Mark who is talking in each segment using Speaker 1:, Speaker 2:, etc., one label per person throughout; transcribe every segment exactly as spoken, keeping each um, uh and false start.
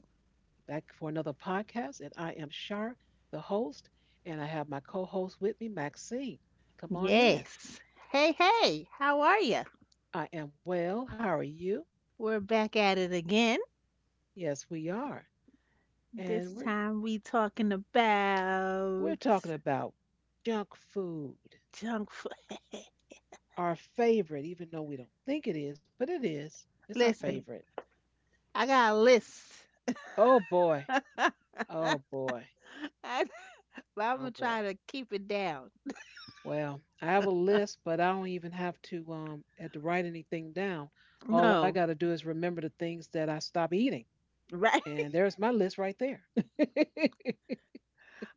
Speaker 1: back for another podcast. And I am Shar, the host, and I have my co host with me, Maxine. Come on in.
Speaker 2: Yes. Hey, hey, how are you?
Speaker 1: I am well. How are you?
Speaker 2: We're back at it again.
Speaker 1: Yes, we are. And
Speaker 2: This
Speaker 1: we're,
Speaker 2: time we talking
Speaker 1: we're
Speaker 2: about
Speaker 1: talking about junk food,
Speaker 2: junk food.
Speaker 1: our favorite, even though we don't think it is, but it is. It's our
Speaker 2: Listen,
Speaker 1: favorite.
Speaker 2: I got a list.
Speaker 1: Oh boy.
Speaker 2: I,
Speaker 1: Oh boy.
Speaker 2: but I'm
Speaker 1: Oh
Speaker 2: gonna
Speaker 1: boy.
Speaker 2: try to keep it down.
Speaker 1: Well, I have a list, but I don't even have to um have to write anything down. All I got
Speaker 2: No,
Speaker 1: to do is remember the things that I stop eating,
Speaker 2: right?
Speaker 1: and there's my list right there.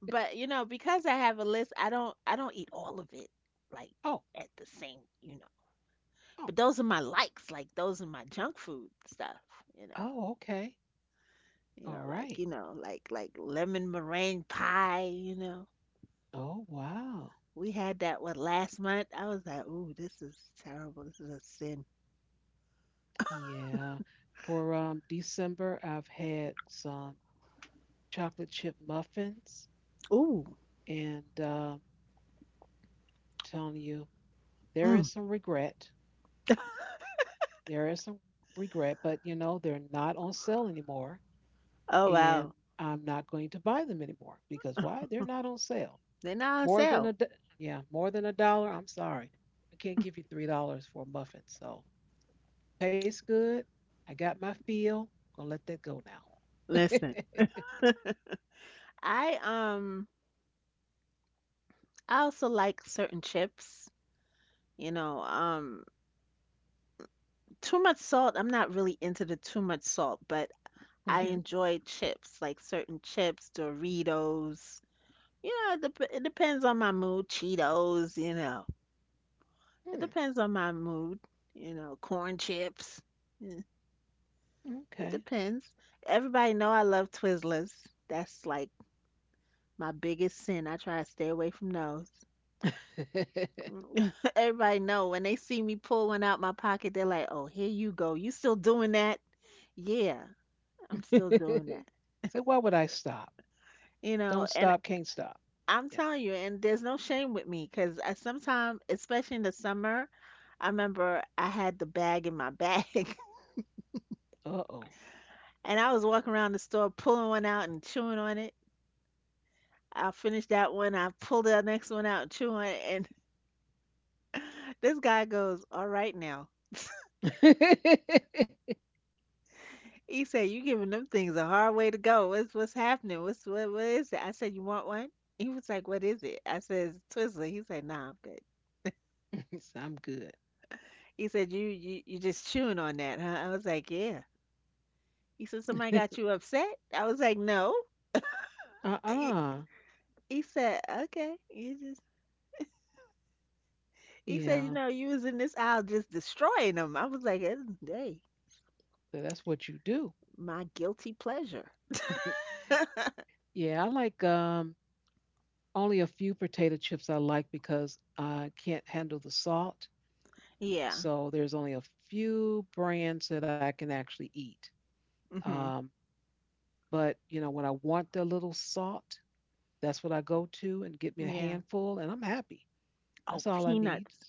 Speaker 2: But you know, because I have a list, I don't I don't eat all of it like
Speaker 1: Oh,
Speaker 2: at the same, you know. But
Speaker 1: oh,
Speaker 2: those are my likes, like those are my junk food stuff, you know.
Speaker 1: oh, okay,
Speaker 2: You
Speaker 1: all
Speaker 2: know, like,
Speaker 1: right.
Speaker 2: you know, like like lemon meringue pie, you know.
Speaker 1: Oh, wow,
Speaker 2: We had that one last month. I was like, "Ooh, this is terrible. This is a sin."
Speaker 1: yeah. For um December, I've had some chocolate chip muffins,
Speaker 2: Ooh.
Speaker 1: and uh, telling you, there is
Speaker 2: Mm.
Speaker 1: some regret. There is some regret, but you know they're not on sale anymore.
Speaker 2: Oh
Speaker 1: And
Speaker 2: wow.
Speaker 1: I'm not going to buy them anymore because why? They're not on sale.
Speaker 2: They're not on
Speaker 1: More than
Speaker 2: sale.
Speaker 1: a do- Yeah, more than a dollar. I'm sorry, I can't give you three dollars for a muffin. So tastes good. I got my feel. I'm Gonna let that go now.
Speaker 2: Listen, I um I also like certain chips, you know, um too much salt. I'm not really into the too much salt, but I
Speaker 1: Hmm.
Speaker 2: enjoy chips, like certain chips, Doritos. You know, it, dep- it depends on my mood, Cheetos, you know. It
Speaker 1: Hmm.
Speaker 2: depends on my mood, you know, corn chips. Yeah, it
Speaker 1: Okay.
Speaker 2: depends. Everybody know I love Twizzlers. That's like my biggest sin. I try to stay away from those. Mm. Everybody know when they see me pull one out my pocket, they're like, "Oh, here you go. You still doing that?" Yeah, I'm still doing that.
Speaker 1: So why would I stop?
Speaker 2: You know,
Speaker 1: Don't
Speaker 2: and
Speaker 1: stop. Can't stop.
Speaker 2: I'm
Speaker 1: Yeah.
Speaker 2: telling you, and there's no shame with me because sometimes, especially in the summer, I remember I had the bag in my bag.
Speaker 1: Uh oh.
Speaker 2: And I was walking around the store pulling one out and chewing on it. I finished that one. I pulled the next one out and chewing on it. And this guy goes, "All right now." He said, "You giving them things a hard way to go. What's what's happening? What's what what is it?" I said, "You want one?" He was like, "What is it?" I says, "Twizzler." He said, "Nah, I'm good."
Speaker 1: So I'm good.
Speaker 2: He said, "You you you just chewing on that, huh?" I was like, "Yeah." He said, "Somebody got you upset?" I was like, "No."
Speaker 1: Uh
Speaker 2: He,
Speaker 1: uh.
Speaker 2: he said, "Okay." you He said, "You
Speaker 1: Yeah.
Speaker 2: know, you was in this aisle just destroying them." I was like, "Eh, hey,
Speaker 1: So that's what you do.
Speaker 2: my guilty pleasure."
Speaker 1: Yeah, I like um, only a few potato chips I like because I can't handle the salt.
Speaker 2: Yeah.
Speaker 1: So there's only a few brands that I can actually eat.
Speaker 2: Hmm.
Speaker 1: Um, but you know, when I want the little salt, that's what I go to and get me a
Speaker 2: Yeah.
Speaker 1: handful, and I'm happy.
Speaker 2: Oh,
Speaker 1: That's all I need.
Speaker 2: peanuts.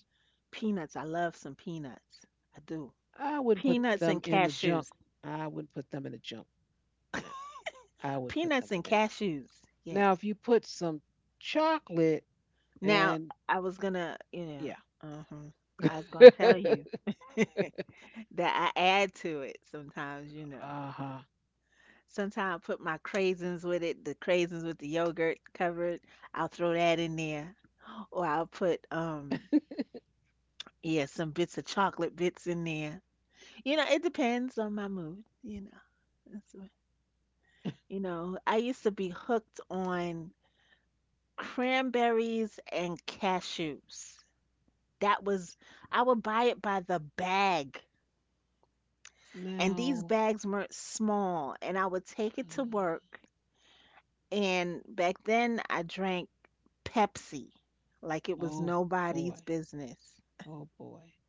Speaker 2: Peanuts. I love some peanuts. I do.
Speaker 1: I wouldn't put
Speaker 2: Peanuts
Speaker 1: them
Speaker 2: and
Speaker 1: in the junk.
Speaker 2: cashews.
Speaker 1: I wouldn't put them in the junk. No, I wouldn't put them
Speaker 2: Peanuts
Speaker 1: in
Speaker 2: and
Speaker 1: there.
Speaker 2: cashews.
Speaker 1: Now, if
Speaker 2: Yes.
Speaker 1: you put some chocolate
Speaker 2: Now,
Speaker 1: and
Speaker 2: I was gonna, you know,
Speaker 1: yeah,
Speaker 2: uh-huh. I was gonna tell
Speaker 1: uh
Speaker 2: you that I add to it sometimes, you know.
Speaker 1: huh.
Speaker 2: Sometimes I put my craisins with it, the craisins with the yogurt covered. I'll throw that in there. Or I'll put, um, yeah, some bits of chocolate bits in there. You know, it depends on my mood, you know. That's what— you know, I used to be hooked on cranberries and cashews. That was, I would buy it by the bag. And
Speaker 1: Now.
Speaker 2: these bags weren't small. And I would take
Speaker 1: Uh,
Speaker 2: it to work. And back then, I drank Pepsi like it was
Speaker 1: Oh
Speaker 2: nobody's
Speaker 1: boy.
Speaker 2: business
Speaker 1: Oh boy.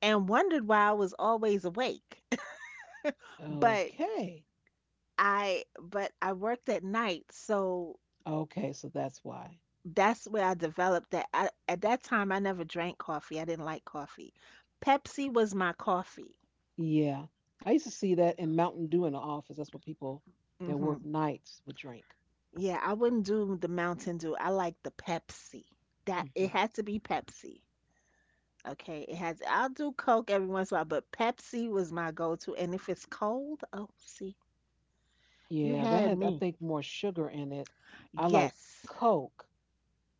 Speaker 2: and wondered why I was always awake. But
Speaker 1: Okay.
Speaker 2: I but I worked at night, so
Speaker 1: Okay, so that's why.
Speaker 2: that's where I developed that. I, at that time, I never drank coffee. I didn't like coffee. Pepsi was my coffee.
Speaker 1: Yeah. I used to see that in Mountain Dew in the office. That's what people that
Speaker 2: Hmm.
Speaker 1: work nights would drink.
Speaker 2: Yeah, I wouldn't do the Mountain Dew. I like the Pepsi. That it
Speaker 1: Hmm.
Speaker 2: had to be Pepsi. Okay, it has. I'll do Coke every once in a while, but Pepsi was my go-to. And if it's cold, oh, see, you
Speaker 1: Yeah, that
Speaker 2: had
Speaker 1: had, I
Speaker 2: me.
Speaker 1: think, more sugar in it. I like
Speaker 2: Yes.
Speaker 1: Coke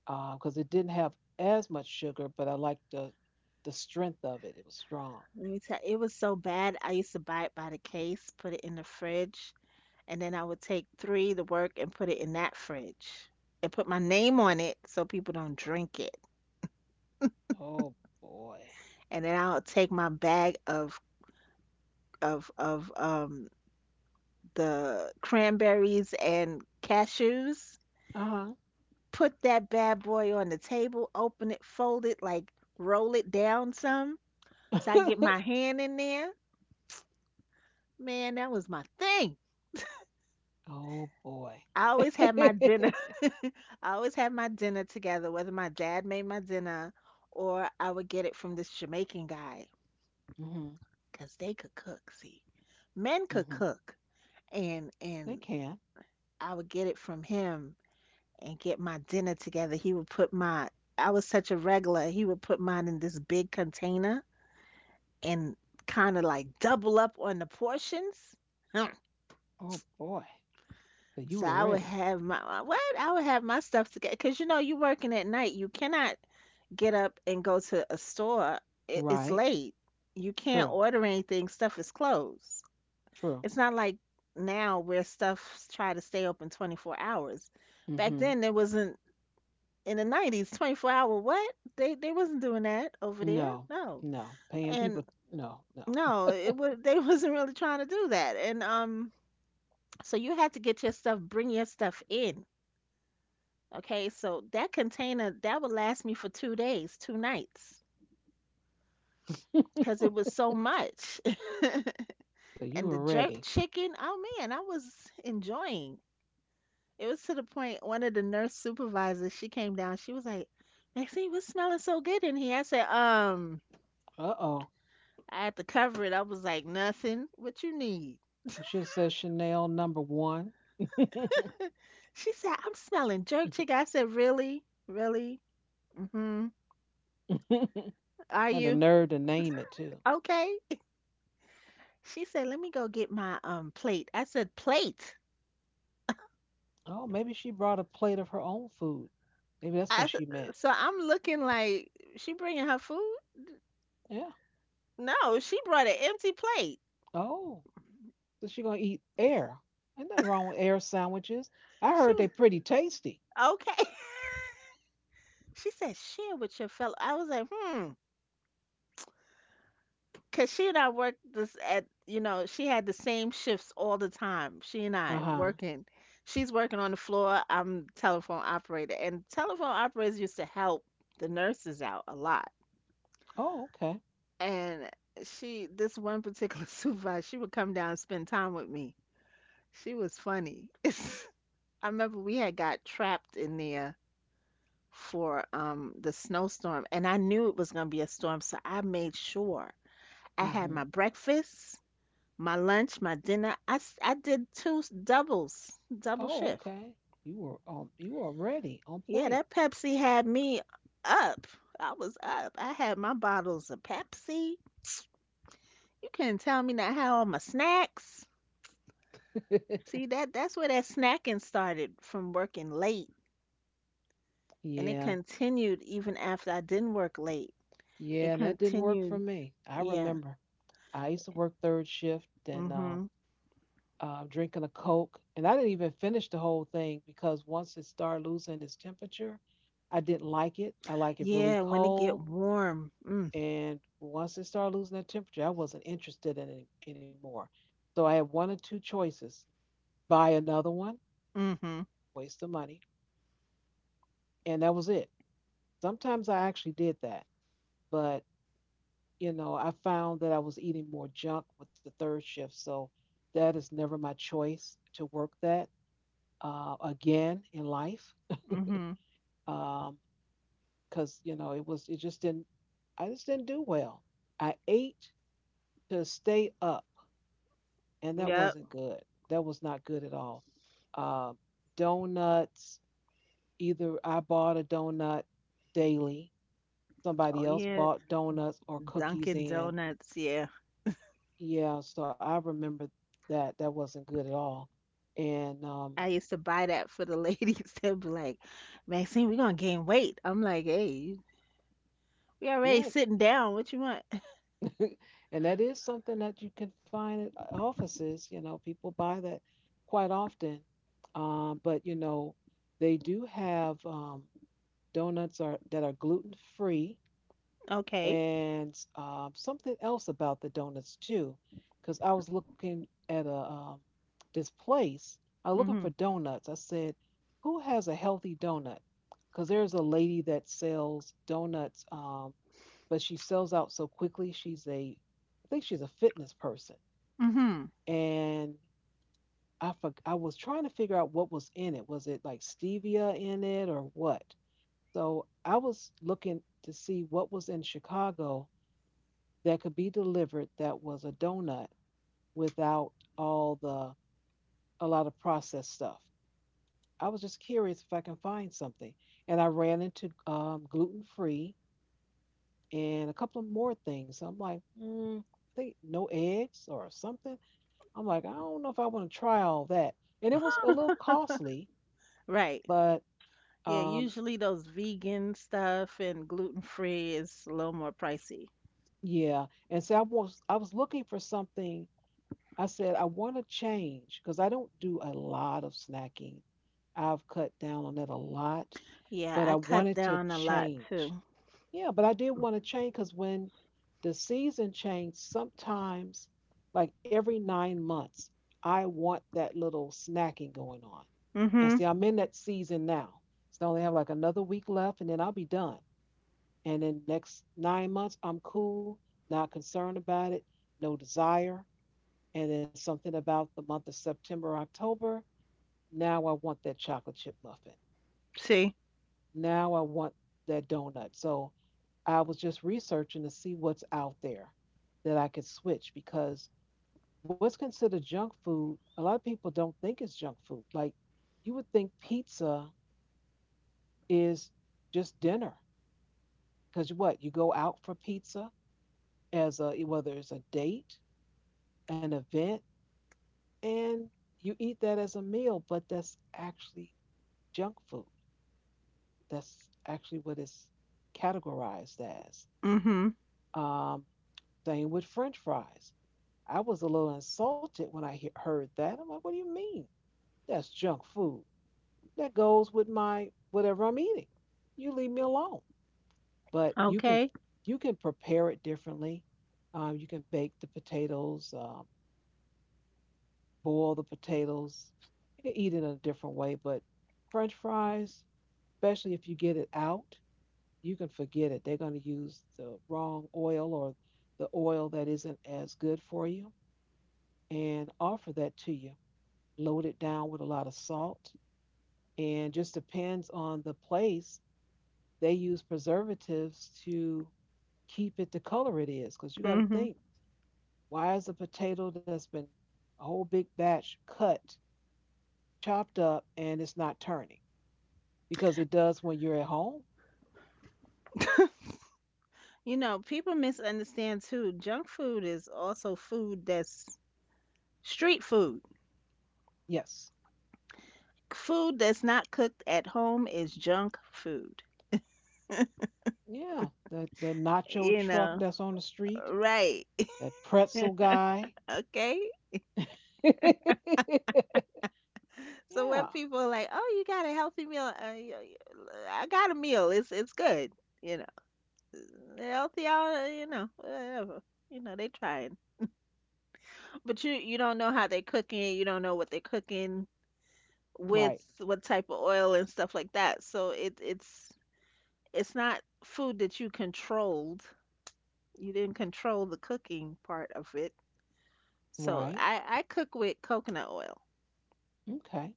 Speaker 1: because it didn't have as much sugar, but I liked the the strength of it. It was strong.
Speaker 2: Let me tell you, it was so bad. I used to buy it by the case, put it in the fridge, and then I would take three to work and put it in that fridge and put my name on it so people don't drink it.
Speaker 1: Oh boy.
Speaker 2: And then I'll take my bag of of of um the cranberries and cashews,
Speaker 1: Uh
Speaker 2: put that bad boy on the table, open it, fold it, like roll it down some so I get
Speaker 1: huh.
Speaker 2: my hand in there. Man, that was my thing.
Speaker 1: Oh boy.
Speaker 2: I always had my dinner. I always had my dinner together, whether my dad made my dinner or I would get it from this Jamaican guy
Speaker 1: Hmm.
Speaker 2: 'cause they could cook. See, men could
Speaker 1: Hmm.
Speaker 2: cook, and
Speaker 1: They
Speaker 2: and
Speaker 1: can.
Speaker 2: I would get it from him and get my dinner together. He would put my— I was such a regular. He would put mine in this big container and kind of like double up on the portions. Hmm.
Speaker 1: Oh boy. So you
Speaker 2: So
Speaker 1: were
Speaker 2: I would
Speaker 1: ready.
Speaker 2: have my uh, what? I would have my stuff together. 'Cause you know you working at night. You cannot get up and go to a store. It, it's
Speaker 1: Right.
Speaker 2: late. You can't
Speaker 1: True.
Speaker 2: order anything. Stuff is closed.
Speaker 1: True.
Speaker 2: It's not like now where stuff try to stay open twenty-four hours. Back
Speaker 1: Mm-hmm.
Speaker 2: then there wasn't in the nineties twenty-four hour what? They they wasn't doing that over there.
Speaker 1: No.
Speaker 2: No.
Speaker 1: No. Paying
Speaker 2: And
Speaker 1: people, no, no.
Speaker 2: no, it was they wasn't really trying to do that. And um so you had to get your stuff, bring your stuff in. Okay? So that container that would last me for two days, two nights cuz it was so much.
Speaker 1: So you were
Speaker 2: And the
Speaker 1: ready.
Speaker 2: jerk chicken, oh man, I was enjoying. It was to the point one of the nurse supervisors, she came down, she was like, "Maxine, what's smelling so good in here?" I said, um,
Speaker 1: Uh oh.
Speaker 2: I had to cover it. I was like, "Nothing. What you need?"
Speaker 1: You should have said Chanel number one.
Speaker 2: She said, "I'm smelling jerk chicken." I said, "Really? Really?" Mm-hmm. Are
Speaker 1: Had the
Speaker 2: you?
Speaker 1: nerve to name it too.
Speaker 2: Okay. She said, "Let me go get my um plate." I said, "Plate?"
Speaker 1: Oh, maybe she brought a plate of her own food. Maybe that's
Speaker 2: I,
Speaker 1: what
Speaker 2: s-
Speaker 1: she meant.
Speaker 2: so I'm looking like, she bringing her food?
Speaker 1: Yeah.
Speaker 2: No, she brought an empty plate.
Speaker 1: Oh. So she gonna eat air. Ain't nothing wrong with air sandwiches. I
Speaker 2: She
Speaker 1: heard they
Speaker 2: was,
Speaker 1: pretty tasty.
Speaker 2: okay. She said, "Share with your fellow." I was like, hmm. Cause she and I worked this at, you know, she had the same shifts all the time. She and I
Speaker 1: Uh-huh.
Speaker 2: working. She's working on the floor. I'm telephone operator, and telephone operators used to help the nurses out a lot.
Speaker 1: Oh, okay.
Speaker 2: And she, this one particular supervisor, she would come down and spend time with me. She was funny. I remember we had got trapped in there for um the snowstorm, and I knew it was gonna be a storm, so I made sure I had
Speaker 1: Mm-hmm.
Speaker 2: my breakfast. My lunch, my dinner. I, s- I did two s- doubles, double
Speaker 1: Oh,
Speaker 2: shift.
Speaker 1: okay. You were um you were already on
Speaker 2: Yeah,
Speaker 1: point.
Speaker 2: that Pepsi had me up. I was up. I had my bottles of Pepsi. You couldn't tell me not how all my snacks. See that that's where that snacking started from working late. And it
Speaker 1: Yeah.
Speaker 2: continued even after I didn't work late. It
Speaker 1: Yeah, that didn't work for
Speaker 2: continued.
Speaker 1: me. I
Speaker 2: Yeah.
Speaker 1: remember. I used to work third shift and um
Speaker 2: Hmm.
Speaker 1: uh, drinking a Coke, and I didn't even finish the whole thing because once it started losing its temperature, I didn't like it. I like it really
Speaker 2: Yeah, when it get
Speaker 1: cold,
Speaker 2: warm. Mm.
Speaker 1: and once it started losing that temperature, I wasn't interested in it anymore. So I had one or two choices. Buy another one,
Speaker 2: Hmm.
Speaker 1: waste the money, and that was it. Sometimes I actually did that. But, you know, I found that I was eating more junk with the third shift. So that is never my choice to work that uh, again in life.
Speaker 2: Hmm.
Speaker 1: Because, you know, it was, it just didn't, I just didn't do well. I ate to stay up, and that wasn't
Speaker 2: Yep.
Speaker 1: good. That was not good at all. Uh, Donuts, either I bought a donut daily, somebody
Speaker 2: Oh
Speaker 1: else
Speaker 2: yeah.
Speaker 1: bought donuts or cookies
Speaker 2: Dunkin'
Speaker 1: in.
Speaker 2: Donuts, yeah.
Speaker 1: Yeah, so I remember that that wasn't good at all. And um
Speaker 2: I used to buy that for the ladies. They'd be like, "Maxine, we're gonna gain weight." I'm like, "Hey, we already
Speaker 1: yeah.
Speaker 2: sitting down. What you want?"
Speaker 1: And that is something that you can find at uh, offices. You know, people buy that quite often. Um but you know, they do have um donuts are that are gluten-free.
Speaker 2: Okay.
Speaker 1: And um, something else about the donuts too, because I was looking at a um, this place. I was looking for
Speaker 2: Mhm.
Speaker 1: donuts. I said, "Who has a healthy donut?" Because there's a lady that sells donuts, um, but she sells out so quickly. She's a, I think she's a fitness person,
Speaker 2: Mhm.
Speaker 1: and I for, I was trying to figure out what was in it. Was it like stevia in it or what? So I was looking to see what was in Chicago that could be delivered that was a donut without all the a lot of processed stuff. I was just curious if I can find something, and I ran into um, gluten free and a couple of more things. I'm like, mm, I think no eggs or something. I'm like, I don't know if I want to try all that, and it was a little costly,
Speaker 2: Right.
Speaker 1: but
Speaker 2: Yeah.
Speaker 1: um,
Speaker 2: Usually those vegan stuff and gluten free is a little more pricey.
Speaker 1: yeah. And so I was I was looking for something. I said I want to change because I don't do a lot of snacking. I've cut down on it a lot,
Speaker 2: Yeah,
Speaker 1: but
Speaker 2: I
Speaker 1: I
Speaker 2: cut
Speaker 1: wanted to
Speaker 2: down a lot
Speaker 1: change.
Speaker 2: too.
Speaker 1: Yeah, but I did want to change because when the season changed, sometimes, like every nine months, I want that little snacking going on. And
Speaker 2: Mhm.
Speaker 1: see, I'm in that season now. So I only have like another week left and then I'll be done. And then next nine months, I'm cool, not concerned about it, no desire. And then something about the month of September, October. Now I want that chocolate chip muffin.
Speaker 2: See.
Speaker 1: Now I want that donut. So I was just researching to see what's out there that I could switch because what's considered junk food, a lot of people don't think it's junk food. Like, you would think pizza is just dinner because what? You go out for pizza as a whether it's a date, an event, and you eat that as a meal, but that's actually junk food. That's actually what it's categorized as.
Speaker 2: Mhm.
Speaker 1: Um, Thing with French fries. I was a little insulted when I he- heard that. I'm like, what do you mean? That's junk food. That goes with my whatever I'm eating. You leave me alone. But you can
Speaker 2: Okay.
Speaker 1: you can prepare it differently. Um, you can bake the potatoes, um, boil the potatoes. You can eat it in a different way. But French fries, especially if you get it out, you can forget it. They're going to use the wrong oil or the oil that isn't as good for you and offer that to you. Load it down with a lot of salt, and just depends on the place. They use preservatives to keep it the color it is because you got to
Speaker 2: Mhm.
Speaker 1: think, why is a potato that's been a whole big batch cut, chopped up, and it's not turning? Because it does when you're at home.
Speaker 2: You know, people misunderstand too. Junk food is also food that's street food.
Speaker 1: Yes.
Speaker 2: Food that's not cooked at home is junk food,
Speaker 1: Yeah. That that nacho
Speaker 2: you
Speaker 1: truck
Speaker 2: know?
Speaker 1: that's on the street.
Speaker 2: Right.
Speaker 1: That pretzel guy.
Speaker 2: Okay.
Speaker 1: Yeah,
Speaker 2: So when people are like, "Oh, you got a healthy meal," uh, y- y- I got a meal. It's it's good, you know. Healthy, all uh, you know, whatever. You know, they trying, but you you don't know how they cooking it. You don't know what they're cooking with,
Speaker 1: right,
Speaker 2: what type of oil and stuff like that. So it it's it's not food that you controlled. You didn't control the cooking part of it. So
Speaker 1: right.
Speaker 2: I, I cook with coconut oil.
Speaker 1: Okay,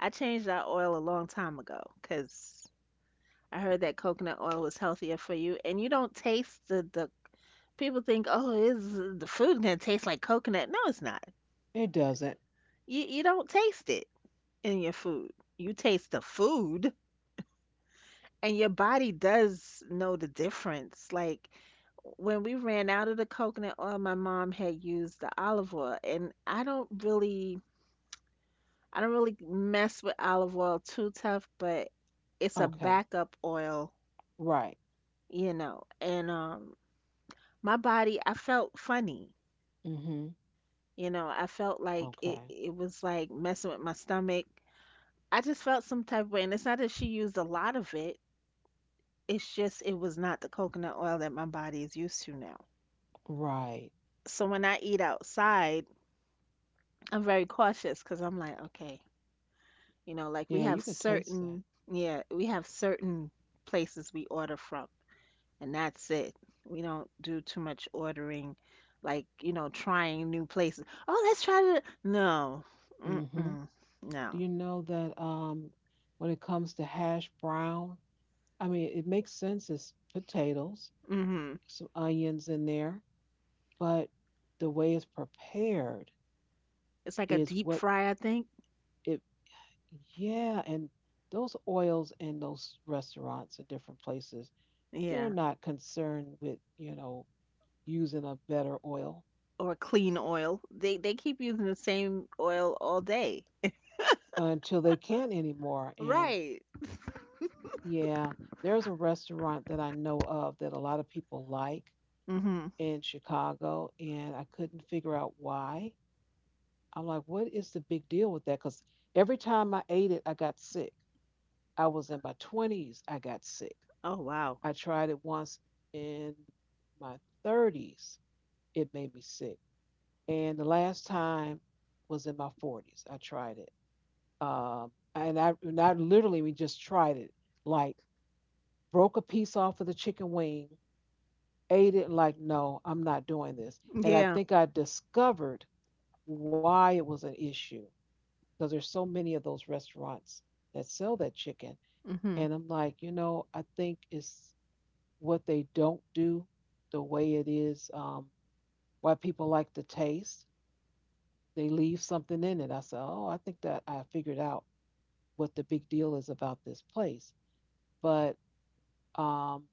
Speaker 2: I changed that oil a long time ago because I heard that coconut oil was healthier for you, and you don't taste the the. People think, oh, is the food gonna taste like coconut? No, it's not.
Speaker 1: it doesn't.
Speaker 2: You you don't taste it in your food. You taste the food, and your body does know the difference. Like when we ran out of the coconut oil, my mom had used the olive oil, and I don't really. I don't really mess with olive oil too tough, but it's a
Speaker 1: Okay,
Speaker 2: backup oil,
Speaker 1: right.
Speaker 2: you know. And um my body, I felt funny.
Speaker 1: Mm-hmm.
Speaker 2: You know, I felt like
Speaker 1: Okay,
Speaker 2: it it was like messing with my stomach. I just felt some type of way, and it's not that she used a lot of it. It's just it was not the coconut oil that my body is used to now.
Speaker 1: right.
Speaker 2: So when I eat outside, I'm very cautious because I'm like, okay, you know, like we
Speaker 1: Yeah,
Speaker 2: have
Speaker 1: you can taste that.
Speaker 2: certain, yeah, we have certain places we order from. And that's it. We don't do too much ordering, like, you know, trying new places. Oh, let's try to. No.
Speaker 1: Mm-hmm.
Speaker 2: Mm-mm. No.
Speaker 1: Do you know that um, when it comes to hash brown, I mean, it makes sense as potatoes,
Speaker 2: Mm-hmm.
Speaker 1: some onions in there, but the way it's prepared
Speaker 2: It's like a
Speaker 1: is what
Speaker 2: deep fry, I think.
Speaker 1: it. Yeah, and those oils in those restaurants and different places, they're
Speaker 2: Yeah.
Speaker 1: not concerned with, you know, using a better oil
Speaker 2: Or clean oil. They they keep using the same oil all day.
Speaker 1: until they can't anymore. And
Speaker 2: Right.
Speaker 1: yeah, there's a restaurant that I know of that a lot of people like
Speaker 2: Mm-hmm.
Speaker 1: in Chicago, and I couldn't figure out why. I'm like, what is the big deal with that? Because every time I ate it, I got sick. I was in my twenties, I got sick.
Speaker 2: Oh, wow.
Speaker 1: I tried it once in my thirties, it made me sick. And the last time was in my forties. I tried it. Um, and I, and I, literally we just tried it. Like, broke a piece off of the chicken wing, ate it. Like, no, I'm not doing this. And I
Speaker 2: Yeah.
Speaker 1: think I discovered why it was an issue because there's so many of those restaurants that sell that chicken.
Speaker 2: Mm-hmm.
Speaker 1: And I'm like, you know, I think it's what they don't do, the way it is, um, why people like the taste, they leave something in it. I said, oh, I think that I figured out what the big deal is about this place. But um,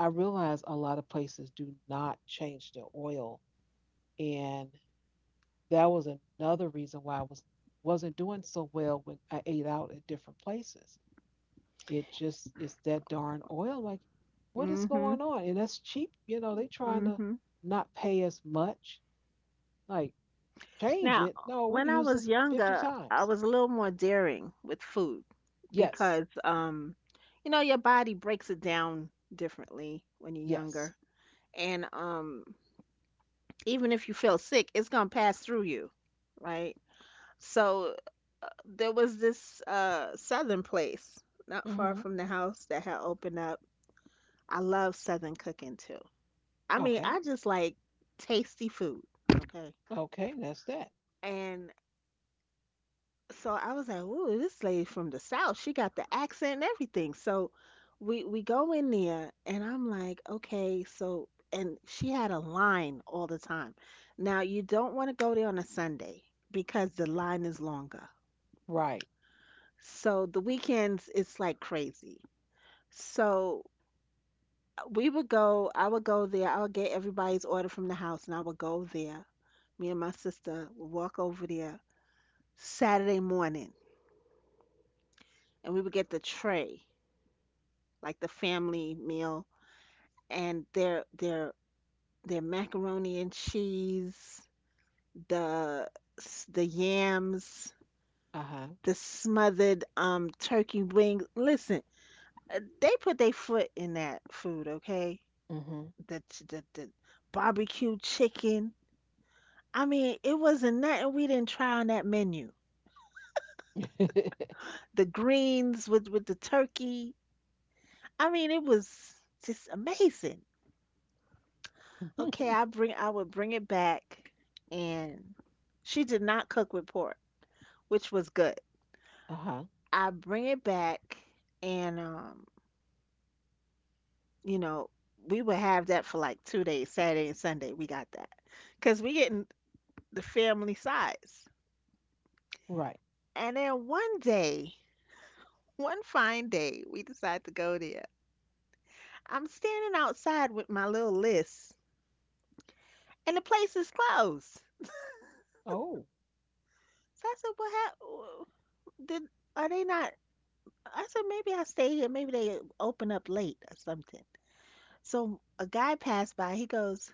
Speaker 1: I realized a lot of places do not change their oil. And that was another reason why I was wasn't doing so well when I ate out at different places. It just it's that darn oil. Like, what is
Speaker 2: Mm-hmm.
Speaker 1: going on? And that's cheap, you know, they trying to
Speaker 2: Mm-hmm.
Speaker 1: not pay as much. Like, change it.
Speaker 2: Now,
Speaker 1: No, we can
Speaker 2: when
Speaker 1: use
Speaker 2: I
Speaker 1: this
Speaker 2: was
Speaker 1: fifty
Speaker 2: younger,
Speaker 1: times.
Speaker 2: I was a little more daring with food
Speaker 1: Yes,
Speaker 2: because, um, you know, your body breaks it down differently when you're
Speaker 1: yes.
Speaker 2: younger. And um, Even if you feel sick, it's going to pass through you, right? So there was this uh, southern place not far
Speaker 1: Mhm.
Speaker 2: from the house that had opened up. I love southern cooking too. I mean,
Speaker 1: Okay.
Speaker 2: I just like tasty food, okay?
Speaker 1: Okay, that's that.
Speaker 2: And so I was like, "Ooh, this lady from the South. She got the accent and everything." So we we go in there, and I'm like, "Okay, so." And she had a line all the time. Now you don't want to go there on a Sunday because the line is longer.
Speaker 1: Right.
Speaker 2: So the weekends it's like crazy. So we would go. I would go there. I would get everybody's order from the house, and I would go there. Me and my sister would walk over there Saturday morning, and we would get the tray like the family meal, and their their their macaroni and cheese, the the yams,
Speaker 1: Uh-huh.
Speaker 2: the smothered um turkey wings. Listen, uh, they put their foot in that food, okay?
Speaker 1: Mhm.
Speaker 2: The ch- the the barbecue chicken. I mean, it wasn't nothing we didn't try on that menu. The greens with with the turkey. I mean, it was just amazing. Okay, I bring I would bring it back and she did not cook with pork, which was good.
Speaker 1: Uh-huh.
Speaker 2: I bring it back and um, you know, we would have that for like two days, Saturday and Sunday. We got that because we getting the family size.
Speaker 1: Right.
Speaker 2: And then one day, one fine day, we decide to go there. I'm standing outside with my little list and the place is closed.
Speaker 1: Oh.
Speaker 2: So I said, well, how, did are they not I said, maybe I stay here. Maybe they open up late or something. So a guy passed by. He goes,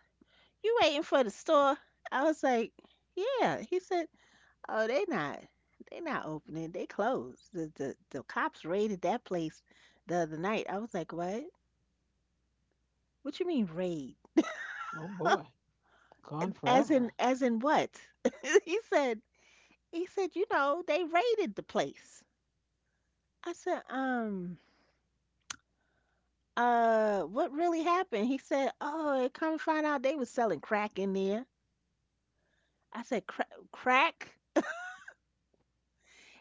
Speaker 2: you waiting for the store? I was like, yeah. He said, oh, they not. They not opening. They closed. The, the the cops raided that place the other night. I was like, what? What you mean raid?
Speaker 1: Oh boy. Gone
Speaker 2: As in
Speaker 1: forever.
Speaker 2: as in what? he said he said, you know, they raided the place. I said, um, uh, what really happened? He said, oh, it come to find out they was selling crack in there. I said, "Cra- crack."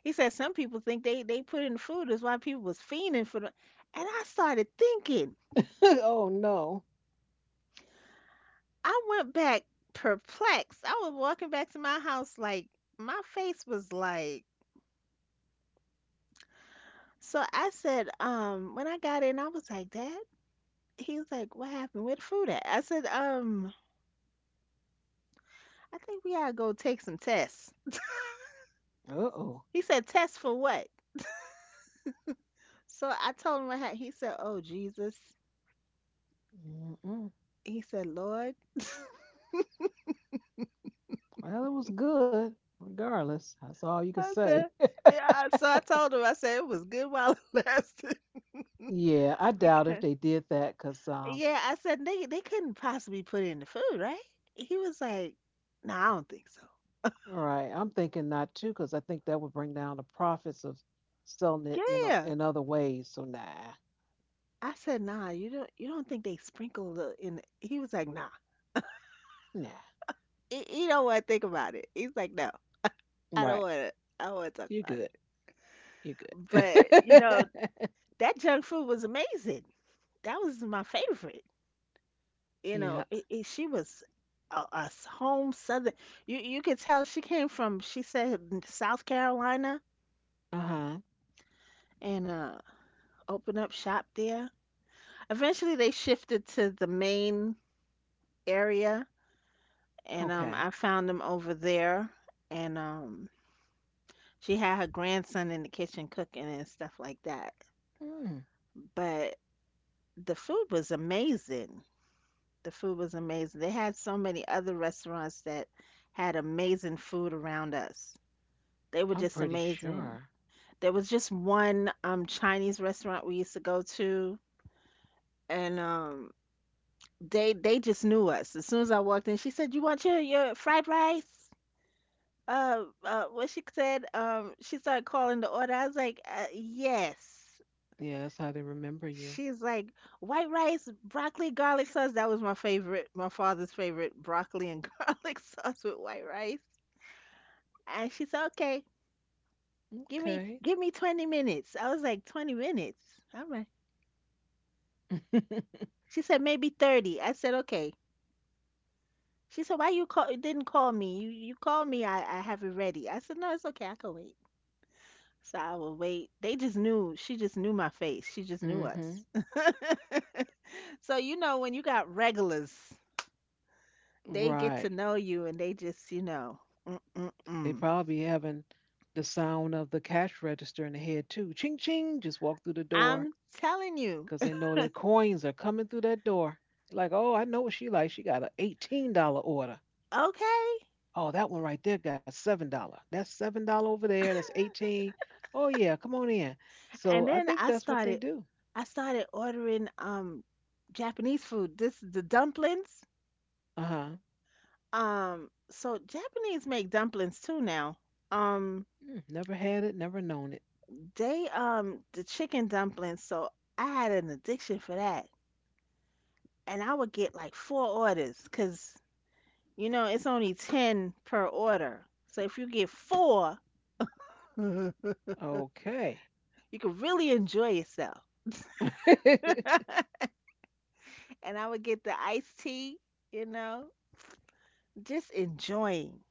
Speaker 2: He said, some people think they, they put in food is why people was fiending for the. And I started thinking.
Speaker 1: Oh no.
Speaker 2: I went back perplexed. I was walking back to my house like my face was like. So I said, um, when I got in, I was like, Dad. He was like, what happened? Where the food at? I said, um, I think we gotta go take some tests.
Speaker 1: Uh-oh.
Speaker 2: He said, tests for what? So I told him what happened. He said, oh Jesus.
Speaker 1: Mm-mm.
Speaker 2: He said, Lord.
Speaker 1: Well, it was good regardless. That's all you could
Speaker 2: I
Speaker 1: say.
Speaker 2: said, yeah. I- So I told him, I said it was good while it lasted.
Speaker 1: Yeah, I doubt if
Speaker 2: Because,
Speaker 1: they did that cuz um
Speaker 2: yeah, I said they they couldn't possibly put it in the food, right? He was like, no, I don't think so.
Speaker 1: all right, I'm thinking not too cuz I think that would bring down the profits of selling it, you know,
Speaker 2: Yeah.
Speaker 1: in other ways. So nah.
Speaker 2: I said, nah, you don't you don't think they sprinkle the in? The-" He was like, nah,
Speaker 1: Nah.
Speaker 2: he, he don't want to think about it. He's like, no, I
Speaker 1: Right.
Speaker 2: don't want to. I don't want to
Speaker 1: You're
Speaker 2: talk
Speaker 1: good.
Speaker 2: about it.
Speaker 1: You good.
Speaker 2: But you know that junk food was amazing. That was my favorite. You know,
Speaker 1: Yeah.
Speaker 2: it, it, she was a, a s- home Southern. You you could tell she came from. She said n- South Carolina
Speaker 1: Uh-huh.
Speaker 2: and uh, opened up shop there. Eventually, they shifted to the main area, and um,
Speaker 1: Okay.
Speaker 2: I found them over there. And um, she had her grandson in the kitchen cooking and stuff like that.
Speaker 1: Mm,
Speaker 2: But the food was amazing. The food was amazing. They had so many other restaurants that had amazing food around us. They were
Speaker 1: I'm
Speaker 2: just
Speaker 1: pretty
Speaker 2: amazing.
Speaker 1: sure.
Speaker 2: There was just one um Chinese restaurant we used to go to, and um they they just knew us. As soon as I walked in, she said, "You want your your fried rice?" Uh, uh what she said, um, she started calling the order. I was like, uh, "Yes."
Speaker 1: Yeah, that's how they remember you.
Speaker 2: She's like, "White rice, broccoli, garlic sauce." That was my favorite, my father's favorite, broccoli and garlic sauce with white rice. And she said, "Okay, give me
Speaker 1: Okay.
Speaker 2: give me twenty minutes." I was like, "twenty minutes?" All right. She said maybe thirty." I said, okay. She said, "Why you call didn't call me? You you called me. I I have it ready." I said, "No, it's okay. I can wait." So I will wait. They just knew. She just knew my face. She just knew us.
Speaker 1: Mm-hmm.
Speaker 2: So you know when you got regulars, they get to
Speaker 1: Right.
Speaker 2: know you and they just you know. Mm mm
Speaker 1: They
Speaker 2: mm.
Speaker 1: probably having the sound of the cash register in the head too. Ching ching, just walk through the door
Speaker 2: I'm telling you,
Speaker 1: because they know their coins are coming through that door. Like, oh, I know what she like. She got an eighteen dollar order.
Speaker 2: okay.
Speaker 1: Oh, that one right there got seven dollar. That's seven dollar over there. That's eighteen. Oh yeah, come on in. So
Speaker 2: And
Speaker 1: I
Speaker 2: then
Speaker 1: think
Speaker 2: I
Speaker 1: that's what they
Speaker 2: started.
Speaker 1: do.
Speaker 2: I started ordering um Japanese food. This the dumplings.
Speaker 1: Uh huh.
Speaker 2: Um, so Japanese make dumplings too now. Um.
Speaker 1: Never had it, never known it.
Speaker 2: They um the chicken dumplings, so I had an addiction for that. And I would get like four orders, cause you know it's only ten per order. So if you get four, you
Speaker 1: Okay.
Speaker 2: can really enjoy yourself. And I would get the iced tea, you know, just enjoying.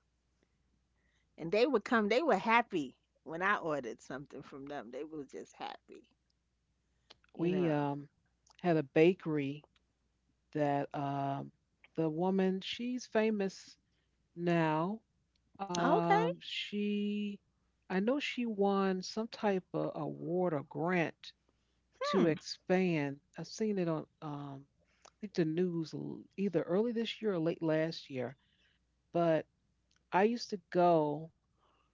Speaker 2: And they would come, they were happy when I ordered something from them. They were just happy, you
Speaker 1: we
Speaker 2: know.
Speaker 1: um had a bakery that um the woman she's famous now. Um,
Speaker 2: Okay.
Speaker 1: she I know she won some type of award or grant to
Speaker 2: Mm.
Speaker 1: expand. I've seen it on um, I think the news l- either early this year or late last year. But I used to go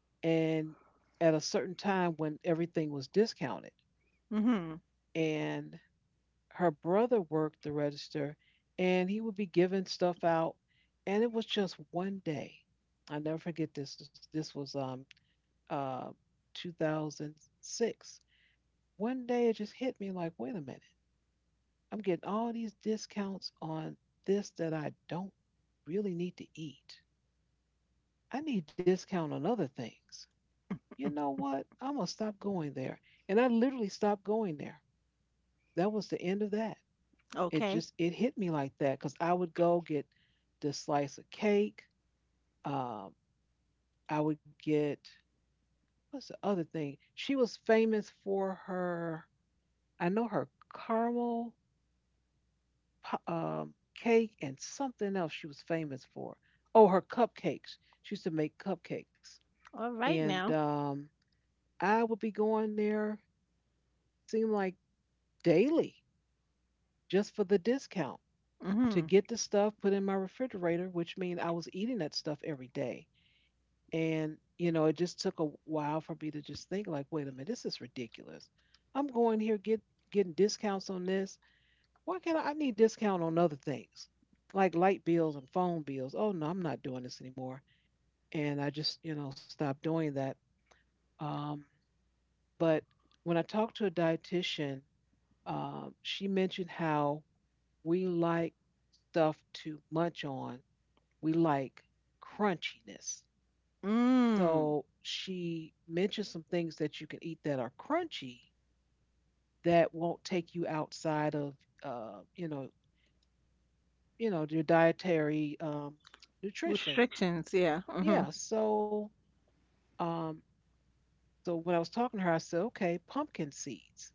Speaker 1: and at a certain time when everything was discounted,
Speaker 2: Mhm.
Speaker 1: and her brother worked the register, and he would be giving stuff out, and it was just one day. I never forget this. is- This was um uh two thousand six. One day it just hit me like, wait a minute. I'm getting all these discounts on this that I don't really need to eat. I need discount on other things. You know what? I'm gonna stop going there. And I literally stopped going there. That was the end of that. It
Speaker 2: Okay.
Speaker 1: just it hit me like that because I would go get the slice of cake. Um, I would get what's the other thing? She was famous for her. I know her caramel pu- um, cake and something else she was famous for. Oh, her cupcakes. She used to make cupcakes,
Speaker 2: All right
Speaker 1: and
Speaker 2: now.
Speaker 1: um, I would be going there. Seemed like daily, just for the discount to
Speaker 2: Mhm.
Speaker 1: get the stuff put in my refrigerator, which means I was eating that stuff every day. And you know, it just took a while for me to just think like, wait a minute, this is ridiculous. I'm going here get getting discounts on this. Why can't I, I need discount on other things like light bills and phone bills? Oh no, I'm not doing this anymore. And I just, you know, stopped doing that. Um, but when I talked to a dietitian, um, she mentioned how we like stuff to munch on. We like crunchiness.
Speaker 2: Mm.
Speaker 1: So she mentioned some things that you can eat that are crunchy that won't take you outside of, uh, you know, you know, your dietary um, nutrition.
Speaker 2: Restrictions, yeah. Mhm.
Speaker 1: Yeah, so um so when I was talking to her, I said, "Okay, pumpkin seeds.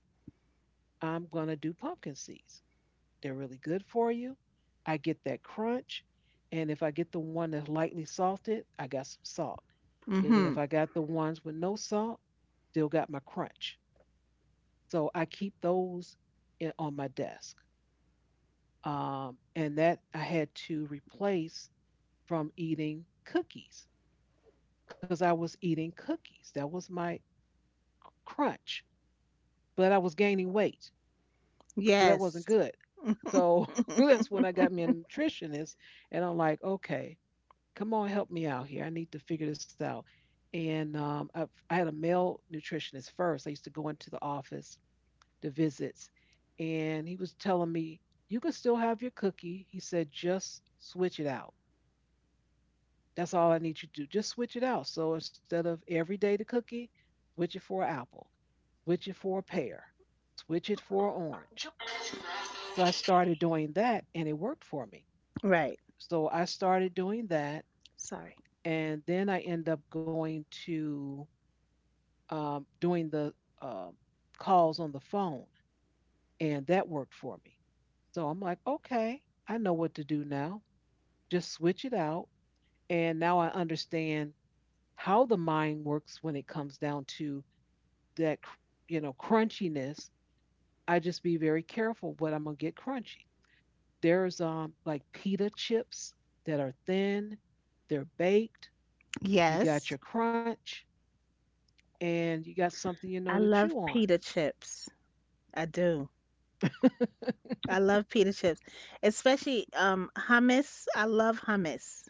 Speaker 1: I'm going to do pumpkin seeds. They're really good for you. I get that crunch, and if I get the one that's lightly salted, I got some salt. If I
Speaker 2: Mhm.
Speaker 1: got the ones with no salt, still got my crunch. So I keep those in, on my desk. Um and that I had to replace from eating cookies because I was eating cookies. That was my crunch, but I was gaining weight. So that wasn't
Speaker 2: Yes.
Speaker 1: good. So that's when I got me a nutritionist, and I'm like, okay, come on, help me out here. I need to figure this out. And um, I, I had a male nutritionist first. I used to go into the office, the visits, and he was telling me, you can still have your cookie. He said, just switch it out. That's all I need you to do. Just switch it out. So instead of every day the cookie, switch it for an apple, switch it for a pear, switch it for an orange. So I started doing that and it worked for me.
Speaker 2: Right.
Speaker 1: So I started doing that,
Speaker 2: Sorry.
Speaker 1: and then I end up going to um, doing the uh, calls on the phone, and that worked for me. So I'm like, okay, I know what to do now. Just switch it out, and now I understand how the mind works when it comes down to that, cr- you know, crunchiness. I just be very careful what I'm gonna get crunchy. There's um like pita chips that are thin, they're baked. You got
Speaker 2: Yes.
Speaker 1: your crunch and you got something you know
Speaker 2: I
Speaker 1: to chew
Speaker 2: love
Speaker 1: on.
Speaker 2: pita chips. I do. I love pita chips, especially um hummus. I love hummus.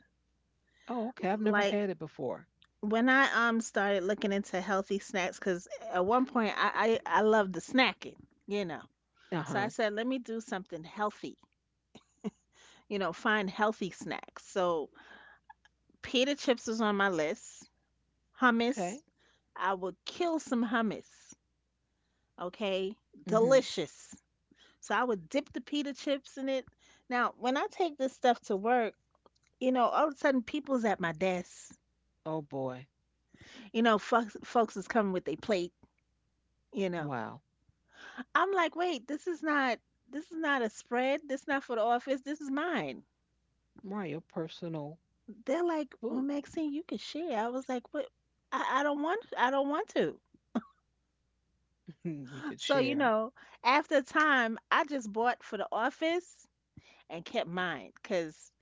Speaker 1: Oh, okay. I've never
Speaker 2: Like
Speaker 1: had it before.
Speaker 2: when I um started looking into healthy snacks, because at one point I I, I loved the snacking, you know.
Speaker 1: Uh
Speaker 2: So
Speaker 1: huh.
Speaker 2: I said, let me do something healthy. You know, find healthy snacks. So pita chips was on my list.
Speaker 1: Okay.
Speaker 2: Hummus, I would kill some hummus. Okay,
Speaker 1: Mm-hmm.
Speaker 2: delicious. So I would dip the pita chips in it. Now, when I take this stuff to work, you know, all of a sudden people's at my desk.
Speaker 1: Oh boy.
Speaker 2: You know, folks, folks is coming with their plate. You know,
Speaker 1: Wow.
Speaker 2: I'm like, wait, this is not, this is not a spread. This is not for the office. This is mine.
Speaker 1: Right. Your personal
Speaker 2: They're like, well,
Speaker 1: food.
Speaker 2: Maxine, you can share. I was like, what? I, I don't want, I don't want to.
Speaker 1: You could
Speaker 2: So you
Speaker 1: share.
Speaker 2: know, after a time, I just bought for the office and kept mine because